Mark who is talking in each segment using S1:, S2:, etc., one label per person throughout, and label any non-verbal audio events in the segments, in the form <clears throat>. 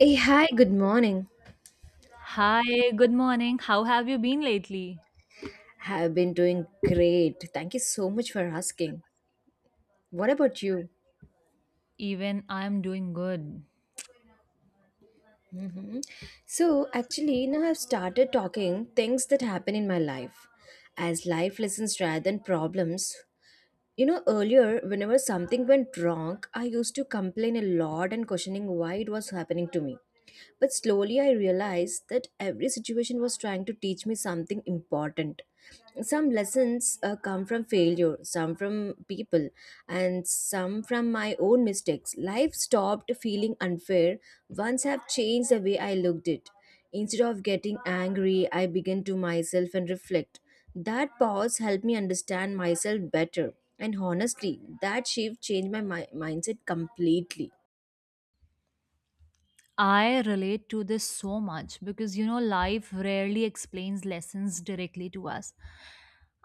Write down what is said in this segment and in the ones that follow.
S1: Hey, hi, good morning.
S2: Hi, good morning. How have you been lately?
S1: Have been doing great. Thank you so much for asking. What about you?
S2: Even I'm doing good.
S1: Mhm. So, actually, now I've started talking things that happen in my life as life lessons rather than problems. You know, earlier, whenever something went wrong, I used to complain a lot and questioning why it was happening to me. But slowly I realized that every situation was trying to teach me something important. Some lessons come from failure, some from people, and some from my own mistakes. Life stopped feeling unfair once I've changed the way I looked it. Instead of getting angry, I began to myself and reflect that pause helped me understand myself better, and honestly, that shift changed my mindset completely.
S2: I relate to this so much because you know, life rarely explains lessons directly to us.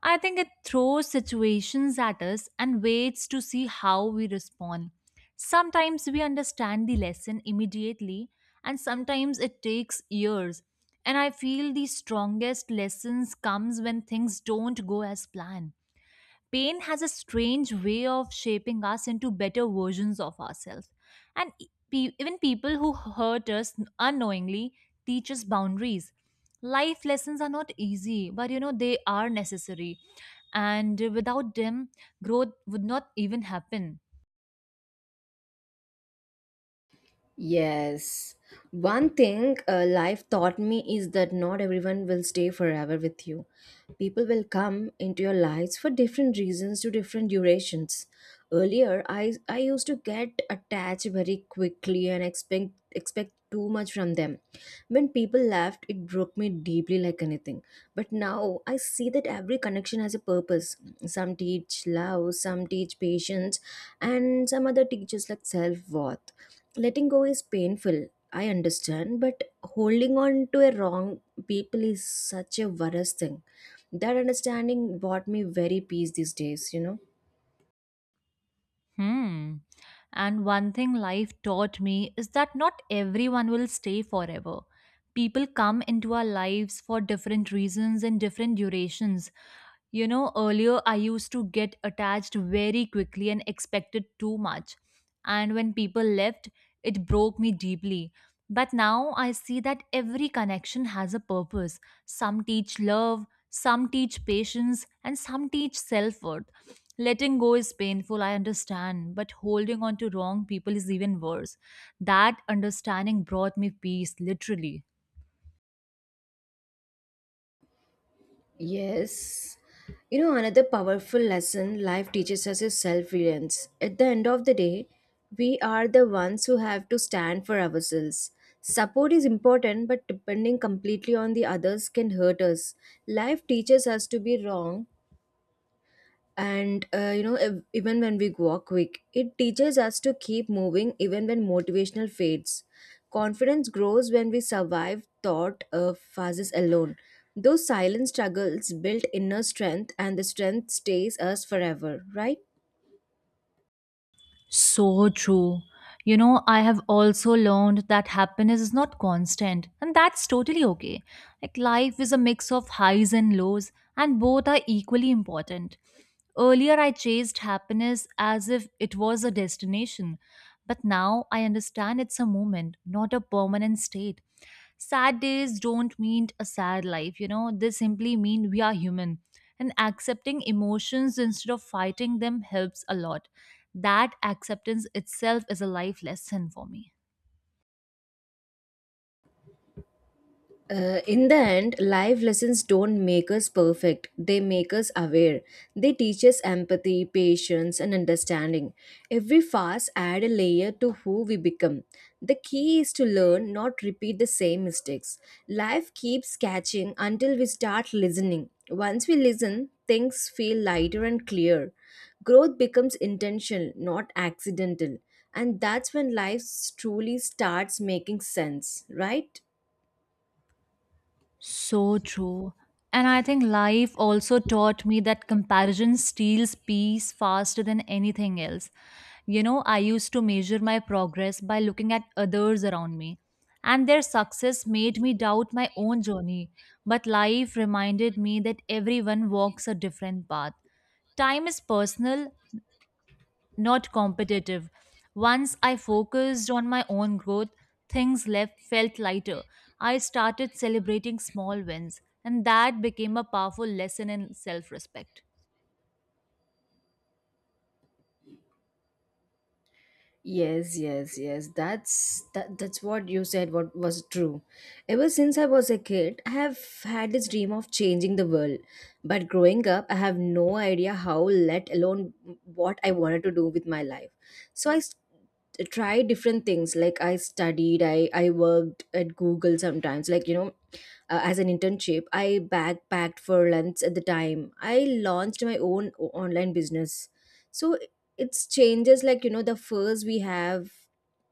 S2: I think it throws situations at us and waits to see how we respond. Sometimes we understand the lesson immediately, and sometimes it takes years. And I feel the strongest lessons comes when things don't go as planned. Pain has a strange way of shaping us into better versions of ourselves. And even people who hurt us unknowingly teach us boundaries. Life lessons are not easy, but you know, they are necessary. And without them, growth would not even happen.
S1: Yes. One thing life taught me is that not everyone will stay forever with you. People will come into your lives for different reasons to different durations. Earlier, I used to get attached very quickly and expect too much from them. When people left, it broke me deeply like anything. But now I see that every connection has a purpose. Some teach love, some teach patience, and some other teaches like self worth, letting go is painful, I understand, but holding on to a wrong people is such a worst thing. That understanding brought me very peace these days, you know.
S2: Hmm. And one thing life taught me is that not everyone will stay forever. People come into our lives for different reasons and different durations. You know, earlier I used to get attached very quickly and expected too much. And when people left, it broke me deeply. But now I see that every connection has a purpose. Some teach love, some teach patience, and some teach self worth. Letting go is painful, I understand, but holding on to wrong people is even worse. That understanding brought me peace, literally.
S1: Yes. You know, another powerful lesson life teaches us is self-reliance. At the end of the day, we are the ones who have to stand for ourselves. Support is important, but depending completely on the others can hurt us. Life teaches us to be wrong, and you know, even when we go quick, it teaches us to keep moving even when motivational fades. Confidence grows when we survive thought phases alone. Those silent struggles build inner strength, and the strength stays us forever, right?
S2: So true. You know, I have also learned that happiness is not constant, and that's totally okay. Like, life is a mix of highs and lows, and both are equally important. Earlier, I chased happiness as if it was a destination, but now I understand it's a moment, not a permanent state. Sad days don't mean a sad life, you know, they simply mean we are human. And accepting emotions instead of fighting them helps a lot. That acceptance itself is a life lesson for me.
S1: In the end, life lessons don't make us perfect. They make us aware. They teach us empathy, patience, and understanding. Every fast add a layer to who we become. The key is to learn, not repeat the same mistakes. Life keeps catching until we start listening. Once we listen, things feel lighter and clear. Growth becomes intentional, not accidental. And that's when life truly starts making sense, right?
S2: So true. And I think life also taught me that comparison steals peace faster than anything else. You know, I used to measure my progress by looking at others around me, and their success made me doubt my own journey. But life reminded me that everyone walks a different path. Time is personal, not competitive. Once I focused on my own growth, things left felt lighter. I started celebrating small wins, and that became a powerful lesson in self-respect.
S1: Yes, yes, yes. That's what you said what was true. Ever since I was a kid, I have had this dream of changing the world. But growing up, I have no idea how, let alone what I wanted to do with my life. So I try different things, like I studied, I worked at Google sometimes, like, you know, as an internship, I backpacked for lunch at the time, I launched my own online business. So it's changes, like, you know, the first we have,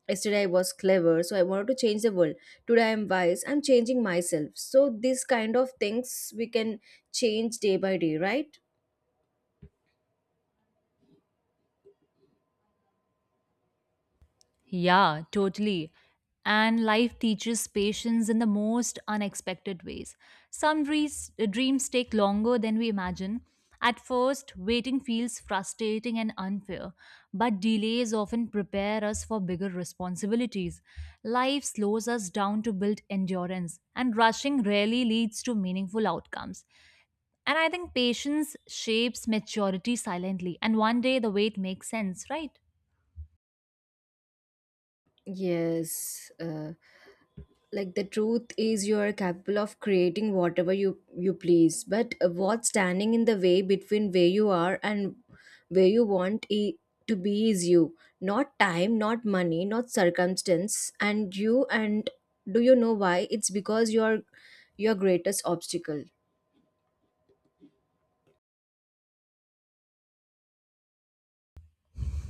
S1: yesterday I was clever, so I wanted to change the world. Today I'm wise, I'm changing myself. So these kind of things we can change day by day, right?
S2: Yeah, totally. And life teaches patience in the most unexpected ways. Some dreams take longer than we imagine. At first, waiting feels frustrating and unfair, but delays often prepare us for bigger responsibilities. Life slows us down to build endurance, and rushing rarely leads to meaningful outcomes. And I think patience shapes maturity silently, and one day the wait makes sense, right?
S1: Yes. Uh, like, the truth is you are capable of creating whatever you please, but what's standing in the way between where you are and where you want to be is you. Not time, not money, not circumstance, and you. And do you know why? It's because you are your greatest obstacle.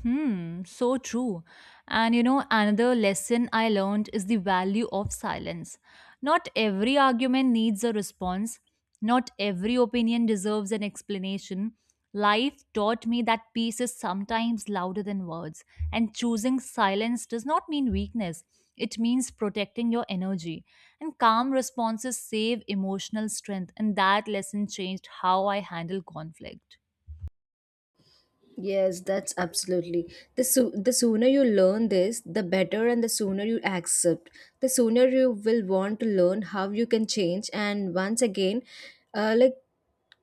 S2: Hmm, so true. And you know, another lesson I learned is the value of silence. Not every argument needs a response, not every opinion deserves an explanation. Life taught me that peace is sometimes louder than words, and choosing silence does not mean weakness. It means protecting your energy. And calm responses save emotional strength, and that lesson changed how I handle conflict.
S1: Yes, that's absolutely. The the sooner you learn this, the better, and the sooner you accept. The sooner you will want to learn how you can change. And once again, like,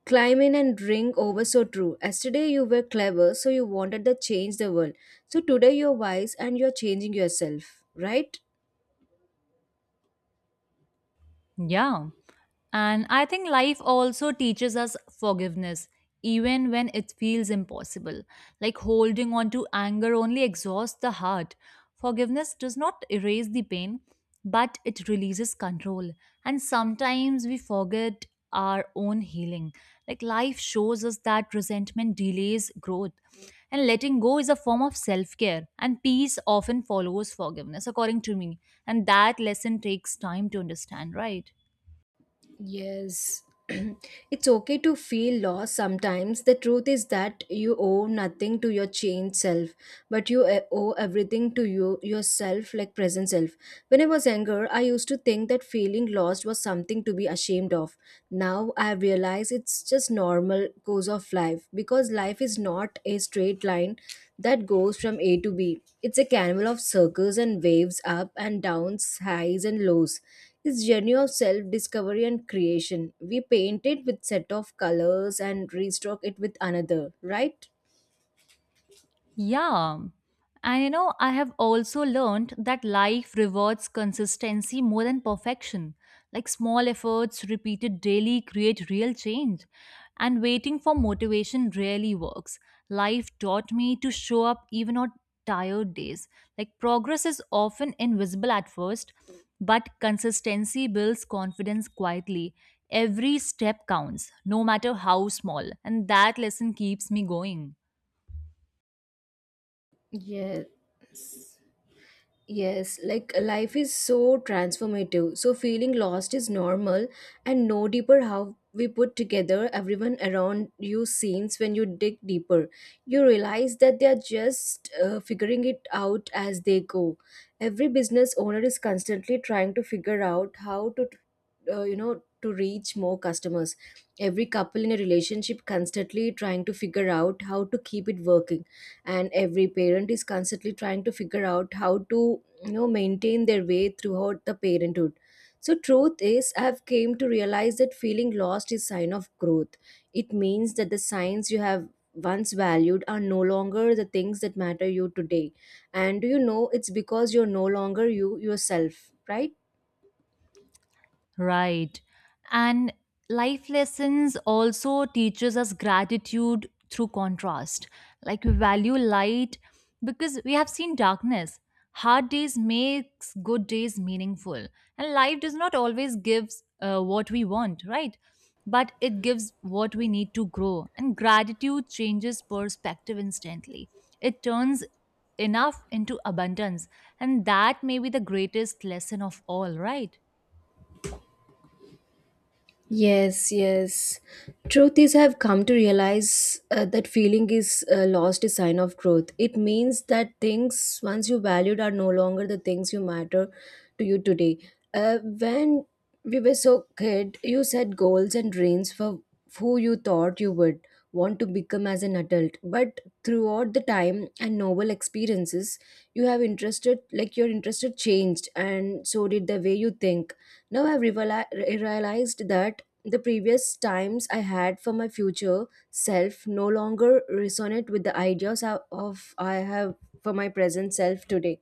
S1: climb in and drink over, so true. Yesterday you were clever, so you wanted to change the world. So today you're wise and you're changing yourself, right?
S2: Yeah. And I think life also teaches us forgiveness, even when it feels impossible. Like holding on to anger only exhausts the heart. Forgiveness does not erase the pain, but it releases control. And sometimes we forget our own healing. Like life shows us that resentment delays growth. And letting go is a form of self care. And peace often follows forgiveness, according to me. And that lesson takes time to understand, right?
S1: Yes. <clears throat> It's okay to feel lost sometimes. The truth is that you owe nothing to your changed self, but you owe everything to you yourself, like present self. When I was younger, I used to think that feeling lost was something to be ashamed of. Now I realize it's just normal course of life, because life is not a straight line that goes from A to B. It's a carnival of circles and waves, up and downs, highs and lows. It's journey of self-discovery and creation. We paint it with set of colors and restock it with another, right?
S2: Yeah. And you know, I have also learned that life rewards consistency more than perfection. Like small efforts repeated daily create real change. And waiting for motivation rarely works. Life taught me to show up even on tired days. Like progress is often invisible at first, but consistency builds confidence quietly. Every step counts, no matter how small. And that lesson keeps me going.
S1: Yes. Yes, like life is so transformative. So feeling lost is normal, and no deeper how we put together everyone around you seems when you dig deeper. You realize that they are just figuring it out as they go. Every business owner is constantly trying to figure out how to, you know, to reach more customers, every couple in a relationship constantly trying to figure out how to keep it working, and every parent is constantly trying to figure out how to, you know, maintain their way throughout the parenthood. So truth is, I've came to realize that feeling lost is sign of growth. It means that the signs you have once valued are no longer the things that matter you today. And do you know, it's because you're no longer you yourself, right?
S2: Right. And life lessons also teaches us gratitude through contrast. Like we value light because we have seen darkness. Hard days makes good days meaningful. And life does not always give what we want, right? But it gives what we need to grow. And gratitude changes perspective instantly. It turns enough into abundance. And that may be the greatest lesson of all, right?
S1: Yes, yes. Truth is, I've come to realize that feeling is lost is sign of growth. It means that things once you valued are no longer the things you matter to you today. When we were so kid, you set goals and dreams for who you thought you would want to become as an adult. But throughout the time and novel experiences, you have interested, like your interested changed, and so did the way you think. Now I've realized that the previous times I had for my future self no longer resonate with the ideas of I have for my present self today.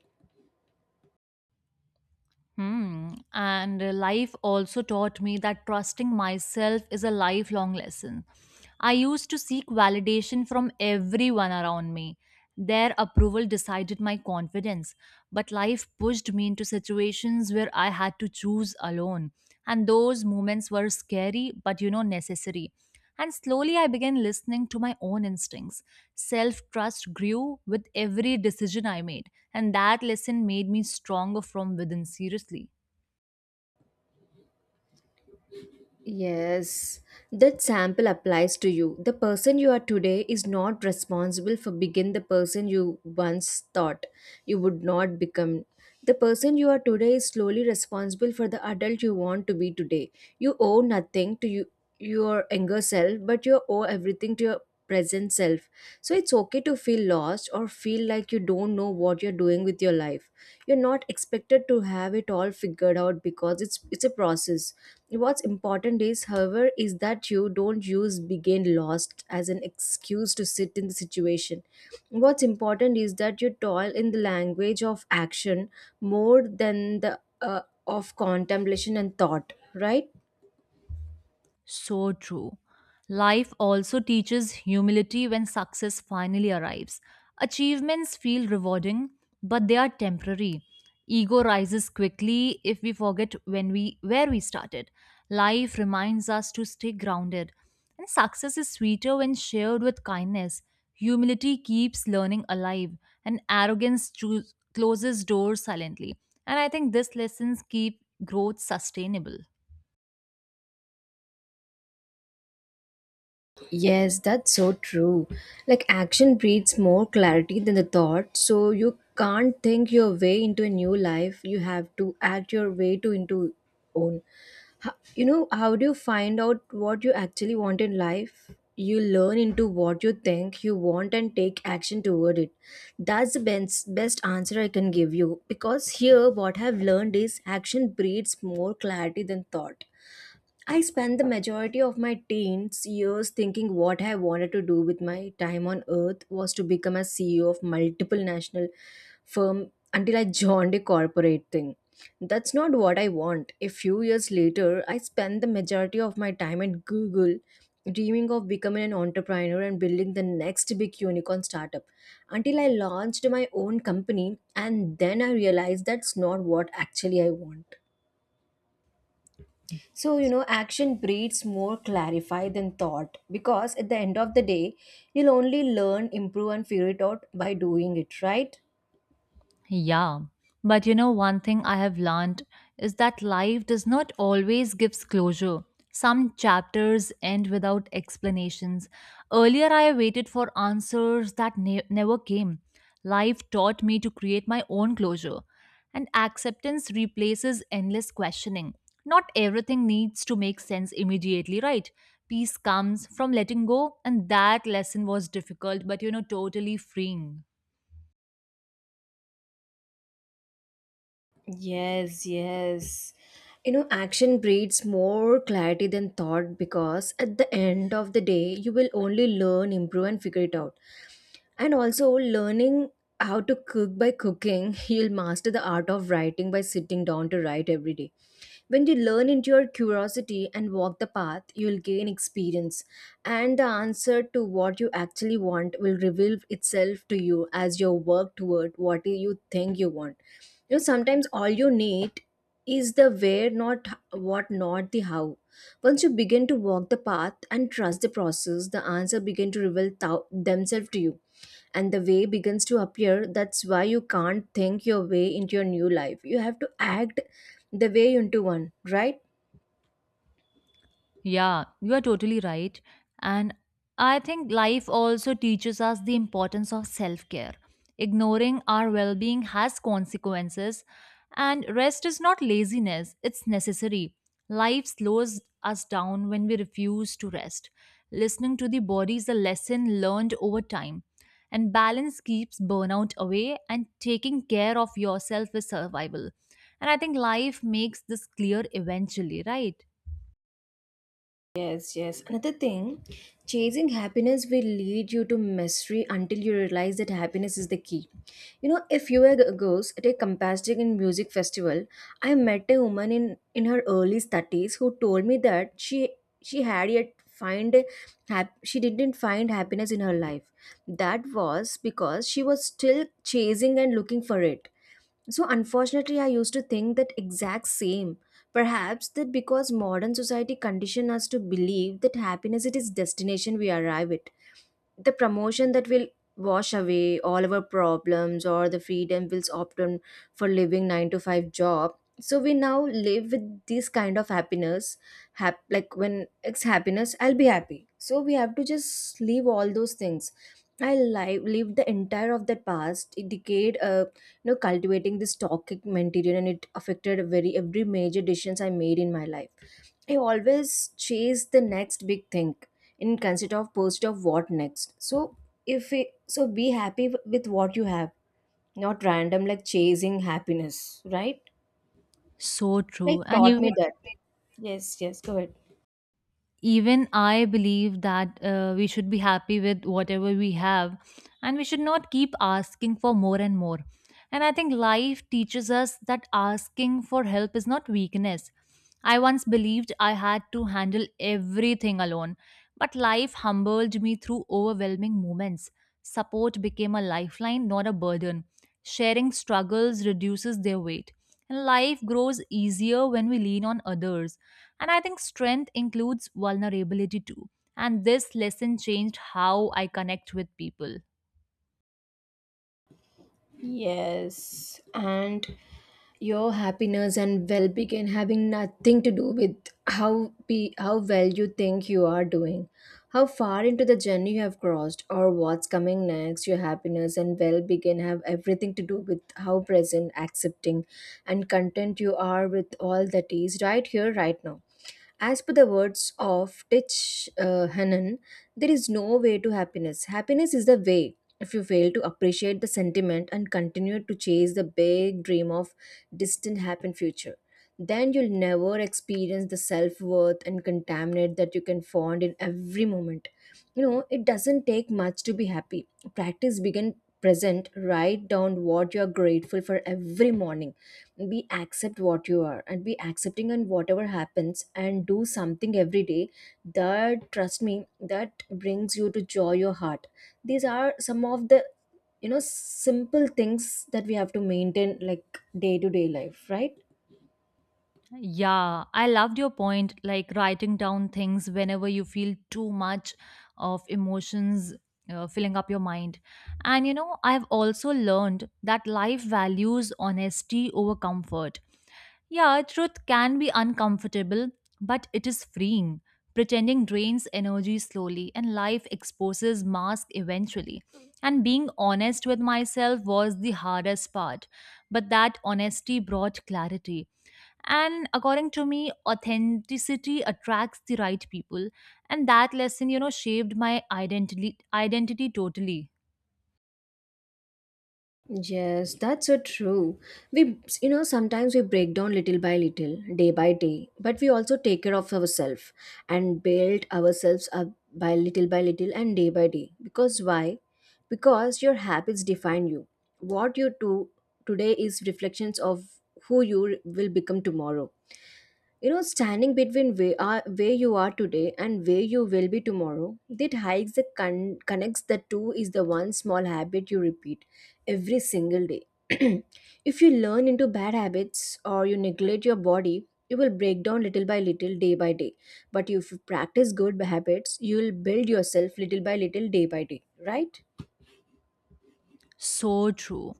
S2: Hmm. And life also taught me that trusting myself is a lifelong lesson. I used to seek validation from everyone around me. Their approval decided my confidence. But life pushed me into situations where I had to choose alone. And those moments were scary, but you know, necessary. And slowly I began listening to my own instincts. Self trust grew with every decision I made. And that lesson made me stronger from within, seriously.
S1: Yes, that sample applies to you. The person you are today is not responsible for begin the person you once thought you would not become. The person you are today is slowly responsible for the adult you want to be today. You owe nothing to you your younger self, but you owe everything to your present self. So it's okay to feel lost or feel like you don't know what you're doing with your life. You're not expected to have it all figured out because it's a process. What's important is, however, is that you don't use begin lost as an excuse to sit in the situation. What's important is that you toil in the language of action more than the of contemplation and thought, right?
S2: So true. Life also teaches humility when success finally arrives. Achievements feel rewarding, but they are temporary. Ego rises quickly if we forget when we where we started. Life reminds us to stay grounded. And success is sweeter when shared with kindness. Humility keeps learning alive, and arrogance closes doors silently. And I think these lessons keep growth sustainable.
S1: Yes, that's so true. Like, action breeds more clarity than the thought. So you can't think your way into a new life. You have to act your way to into own. You know, how do you find out what you actually want in life? You learn into what you think you want and take action toward it. That's the best answer I can give you, because here what I've learned is action breeds more clarity than thought. I spent the majority of my teens years thinking what I wanted to do with my time on earth was to become a CEO of multiple national firm until I joined a corporate thing. That's not what I want. A few years later, I spent the majority of my time at Google dreaming of becoming an entrepreneur and building the next big unicorn startup, until I launched my own company, and then I realized that's not what actually I want. So, you know, action breeds more clarify than thought, because at the end of the day, you'll only learn, improve, and figure it out by doing it, right?
S2: Yeah, but you know, one thing I have learned is that life does not always gives closure. Some chapters end without explanations. Earlier, I waited for answers that never came. Life taught me to create my own closure, and acceptance replaces endless questioning. Not everything needs to make sense immediately, right? Peace comes from letting go, and that lesson was difficult, but you know, totally freeing.
S1: Yes, yes. You know, action breeds more clarity than thought, because at the end of the day, you will only learn, improve, and figure it out. And also, learning how to cook by cooking, <laughs> you'll master the art of writing by sitting down to write every day. When you learn into your curiosity and walk the path, you'll gain experience, and the answer to what you actually want will reveal itself to you as you work toward what you think you want. You know, sometimes all you need is the where, not what, not the how. Once you begin to walk the path and trust the process, the answer begin to reveal themselves to you, and the way begins to appear. That's why you can't think your way into your new life. You have to act the way into one, right?
S2: Yeah, you are totally right. And I think life also teaches us the importance of self care. Ignoring our well being has consequences, and rest is not laziness, it's necessary. Life slows us down when we refuse to rest. Listening to the body is a lesson learned over time. And balance keeps burnout away, and taking care of yourself is survival. And I think life makes this clear eventually, right?
S1: Yes, yes. Another thing, chasing happiness will lead you to misery until you realize that happiness is the key. You know, a few years ago at a Compastic and Music Festival, I met a woman in, her early 30s who told me that she had yet find a she didn't find happiness in her life. That was because she was still chasing and looking for it. So, unfortunately, I used to think that exact same. Perhaps that because modern society conditioned us to believe that happiness it is destination we arrive at, the promotion that will wash away all our problems or the freedom will opt on for living 9 to 5 job, so we now live with this kind of happiness like when it's happiness I'll be happy, so we have to just leave all those things. I live the entire of the past decade cultivating this toxic mentality, and it affected very every major decisions I made in my life. I always chase the next big thing in concept of post of what next. So if it, so be happy with what you have, not random like chasing happiness, right?
S2: So
S1: Like
S2: true. And
S1: taught me that. Yes, yes, go ahead.
S2: even I believe that we should be happy with whatever we have, and we should not keep asking for more and more. And I think life teaches us that asking for help is not weakness. I once believed I had to handle everything alone, but life humbled me through overwhelming moments. Support became a lifeline, not a burden. Sharing struggles reduces their weight, and life grows easier when we lean on others. And I think strength includes vulnerability too. And this lesson changed how I connect with people.
S1: Yes, and your happiness and well-being can having nothing to do with how well you think you are doing, how far into the journey you have crossed, or what's coming next. Your happiness and well-being can have everything to do with how present, accepting, and content you are with all that is right here, right now. As per the words of Tich Hannon, there is no way to happiness. Happiness is the way. If you fail to appreciate the sentiment and continue to chase the big dream of distant happy future, then you'll never experience the self-worth and contaminant that you can find in every moment. It doesn't take much to be happy. Practice begin present, write down what you're grateful for every morning, be accept what you are and be accepting on whatever happens, and do something every day that, trust me, that brings you to joy your heart. These are some of the simple things that we have to maintain like day to day life, right?
S2: Yeah, I loved your point, like writing down things whenever you feel too much of emotions filling up your mind. And you know, I've also learned that life values honesty over comfort. Yeah, truth can be uncomfortable, but it is freeing. Pretending drains energy slowly, and life exposes masks eventually. And being honest with myself was the hardest part, but that honesty brought clarity. And according to me, authenticity attracts the right people, and that lesson, you know, shaped my identity totally.
S1: Yes, that's so true. Sometimes we break down little by little, day by day, but we also take care of ourselves and build ourselves up by little and day by day. Because why? Because your habits define you. What you do today is reflections of who you will become tomorrow. You know, standing between where you are today and where you will be tomorrow, that hikes that connects the two is the one small habit you repeat every single day. <clears throat> If you learn into bad habits or you neglect your body, you will break down little by little, day by day. But if you practice good habits, you will build yourself little by little, day by day, right?
S2: So true.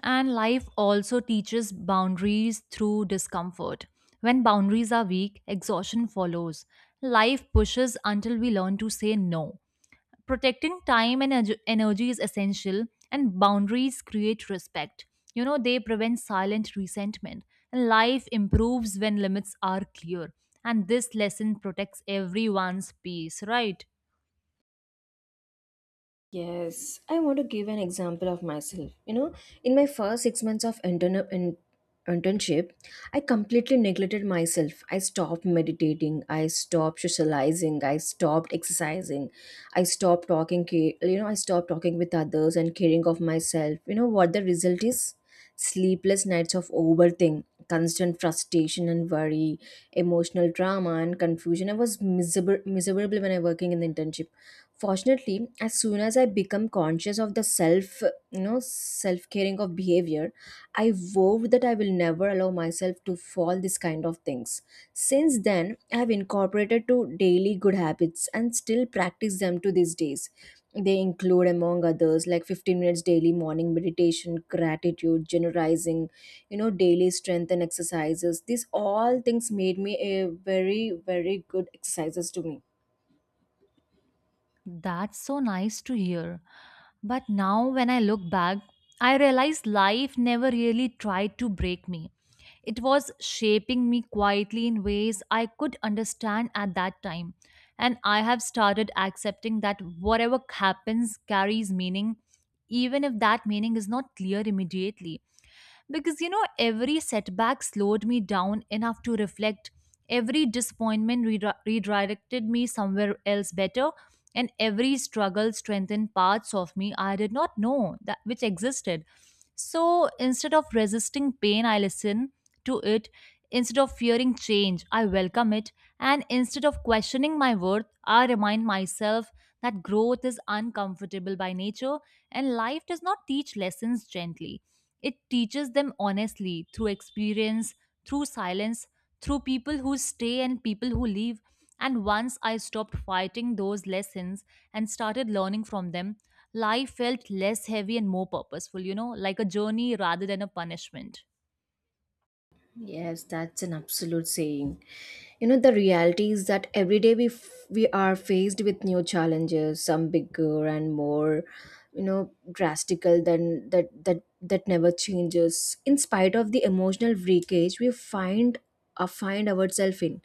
S2: And life also teaches boundaries through discomfort. When boundaries are weak, exhaustion follows. Life pushes until we learn to say no. Protecting time and energy is essential, and boundaries create respect. You know, they prevent silent resentment. And life improves when limits are clear. And this lesson protects everyone's peace, right?
S1: Yes, I want to give an example of myself. You know, in my first 6 months of internship, I completely neglected myself. I stopped meditating, I stopped socializing, I stopped exercising, I stopped talking, I stopped talking with others and caring of myself. You know what the result is? Sleepless nights of overthink, constant frustration and worry, emotional trauma and confusion. I was miserable, miserable when I working in the internship. Fortunately, as soon as I become conscious of the self, self caring of behavior, I vowed that I will never allow myself to fall this kind of things. Since then I have incorporated to daily good habits and still practice them to these days. They include among others like 15 minutes daily morning meditation, gratitude generalizing, daily strength and exercises. These all things made me a very very good exercises to me.
S2: That's so nice to hear. But now, when I look back, I realize life never really tried to break me. It was shaping me quietly in ways I could understand at that time. And I have started accepting that whatever happens carries meaning, even if that meaning is not clear immediately, because you know every setback slowed me down enough to reflect, every disappointment redirected me somewhere else better, and every struggle strengthened parts of me I did not know that which existed. So instead of resisting pain I listen to it, instead of fearing change I welcome it, and instead of questioning my worth I remind myself that growth is uncomfortable by nature, and life does not teach lessons gently. It teaches them honestly through experience, through silence, through people who stay and people who leave. And once I stopped fighting those lessons and started learning from them, life felt less heavy and more purposeful, you know, like a journey rather than a punishment.
S1: Yes, that's an absolute saying. You know, the reality is that every day we are faced with new challenges, some bigger and more, you know, drastical than that never changes. In spite of the emotional breakage we find find ourselves in,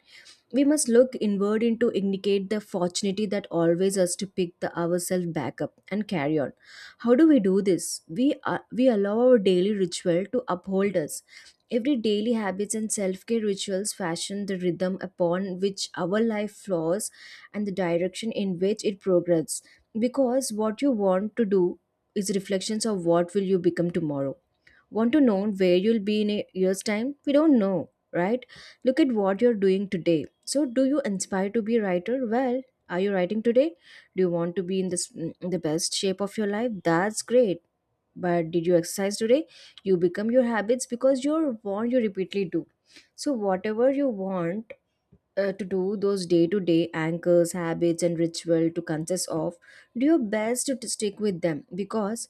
S1: we must look inward and to indicate the fortunate that always us to pick the ourselves back up and carry on. How do we do this? We allow our daily ritual to uphold us. Every daily habits and self care rituals fashion the rhythm upon which our life flows and the direction in which it progresses. Because what you want to do is reflections of what will you become tomorrow. Want to know where you'll be in a year's time? We don't know, right? Look at what you're doing today. So, do you inspire to be a writer? Well, are you writing today? Do you want to be in this in the best shape of your life? That's great, but did you exercise today? You become your habits because you're want you repeatedly do. So whatever you want to do those day to day anchors habits and ritual to consist of, do your best to stick with them, because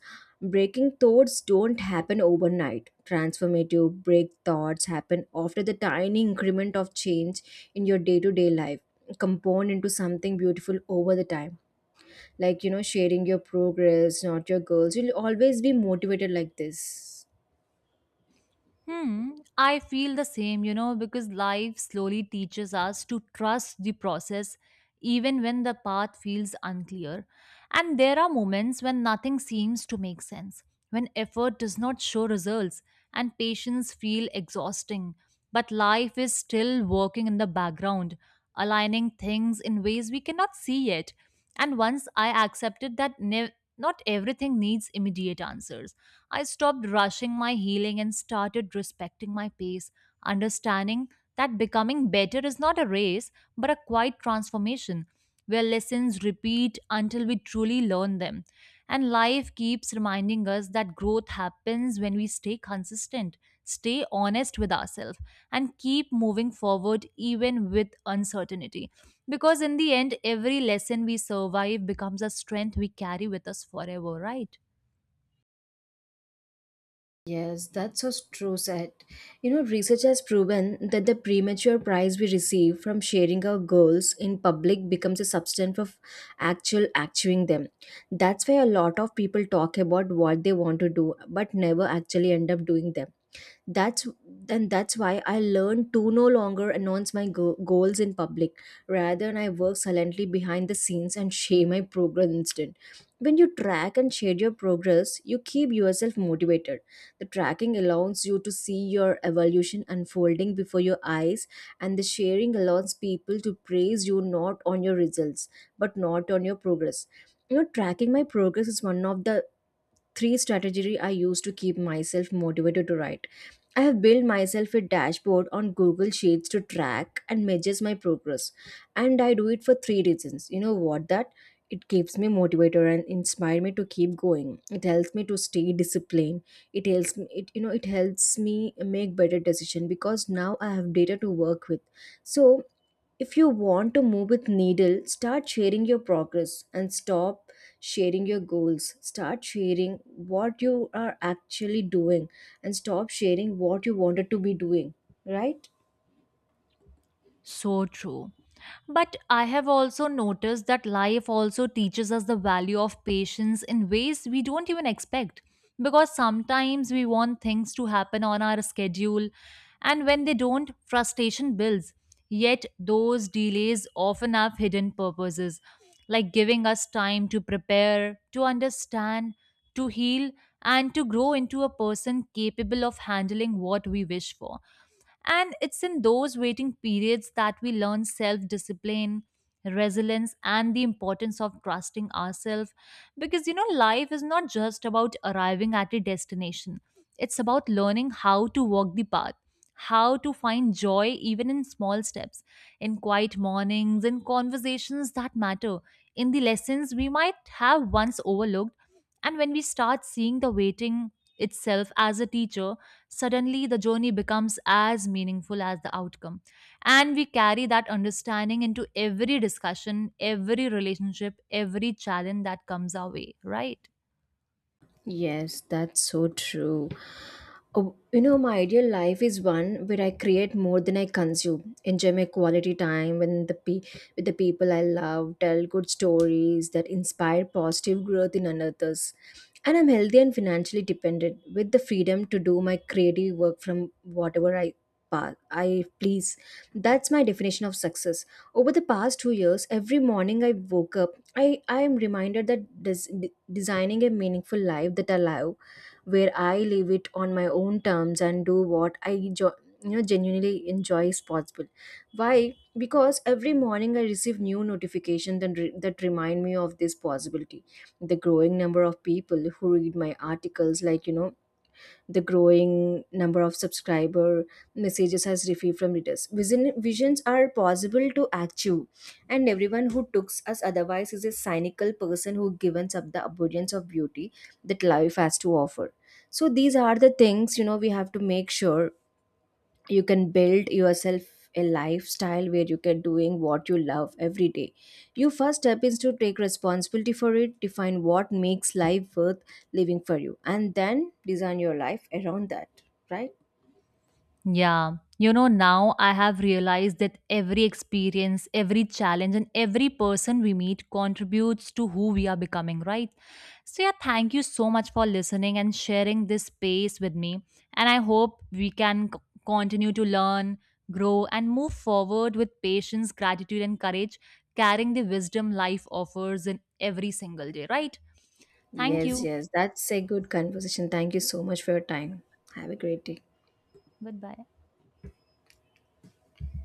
S1: breaking thoughts don't happen overnight. Transformative break thoughts happen after the tiny increment of change in your day to day life compound into something beautiful over the time, like you know sharing your progress not your goals, you'll always be motivated like this.
S2: Hmm, I feel the same, you know, because life slowly teaches us to trust the process even when the path feels unclear. And there are moments when nothing seems to make sense, when effort does not show results and patience feel exhausting, but life is still working in the background, aligning things in ways we cannot see yet. And once I accepted that not everything needs immediate answers, I stopped rushing my healing and started respecting my pace, understanding that becoming better is not a race but a quiet transformation where lessons repeat until we truly learn them. And life keeps reminding us that growth happens when we stay consistent, stay honest with ourselves, and keep moving forward even with uncertainty. Because in the end, every lesson we survive becomes a strength we carry with us forever, right?
S1: Yes, that's so true, said. You know, research has proven that the premature prize we receive from sharing our goals in public becomes a substance of actual actuing them. That's why a lot of people talk about what they want to do but never actually end up doing them. that's that's why I learned to no longer announce my goals in public. Rather I work silently behind the scenes and share my progress instead. When you track and share your progress you keep yourself motivated. The tracking allows you to see your evolution unfolding before your eyes, and the sharing allows people to praise you not on your results but not on your progress. You know, tracking my progress is one of the 3 strategy I use to keep myself motivated to write. I have built myself a dashboard on Google Sheets to track and measures my progress. And I do it for 3 reasons. You know what that? It keeps me motivated and inspire me to keep going. It helps me to stay disciplined. It helps me make better decision because now I have data to work with. So if you want to move with needle, start sharing your progress and stop sharing your goals. Start sharing what you are actually doing and stop sharing what you wanted to be doing, right?
S2: So true. But I have also noticed that life also teaches us the value of patience in ways we don't even expect. Because sometimes we want things to happen on our schedule, and when they don't, frustration builds. Yet those delays often have hidden purposes, like giving us time to prepare, to understand, to heal, and to grow into a person capable of handling what we wish for. And it's in those waiting periods that we learn self discipline, resilience, and the importance of trusting ourselves. Because, you know, life is not just about arriving at a destination, it's about learning how to walk the path, how to find joy even in small steps, in quiet mornings, in conversations that matter, in the lessons we might have once overlooked. And when we start seeing the waiting itself as a teacher, suddenly the journey becomes as meaningful as the outcome. And we carry that understanding into every discussion, every relationship, every challenge that comes our way, right?
S1: Yes, that's so true. Oh, you know, my ideal life is one where I create more than I consume, enjoy my quality time when with the people I love, tell good stories that inspire positive growth in others. And I'm healthy and financially dependent with the freedom to do my creative work from whatever I please. That's my definition of success. Over the past 2 years, every morning I woke up I am reminded that designing a meaningful life that I love, where I live it on my own terms and do what I genuinely enjoy is possible. Why? Because every morning I receive new notifications that remind me of this possibility. The growing number of people who read my articles, like you know, the growing number of subscriber messages has received from readers visions are possible to achieve, and everyone who takes us otherwise is a cynical person who gives up the abundance of beauty that life has to offer. So these are the things, you know, we have to make sure you can build yourself a lifestyle where you can doing what you love every day. Your first step is to take responsibility for it, define what makes life worth living for you, and then design your life around that, right?
S2: Yeah. You know, now I have realized that every experience, every challenge, and every person we meet contributes to who we are becoming, right? So, yeah, thank you so much for listening and sharing this space with me. And I hope we can continue to learn, grow, and move forward with patience, gratitude, and courage, carrying the wisdom life offers in every single day, right? Thank
S1: Yes,
S2: you.
S1: yes, that's a good conversation. Thank you so much for your time. Have a great day.
S2: Goodbye.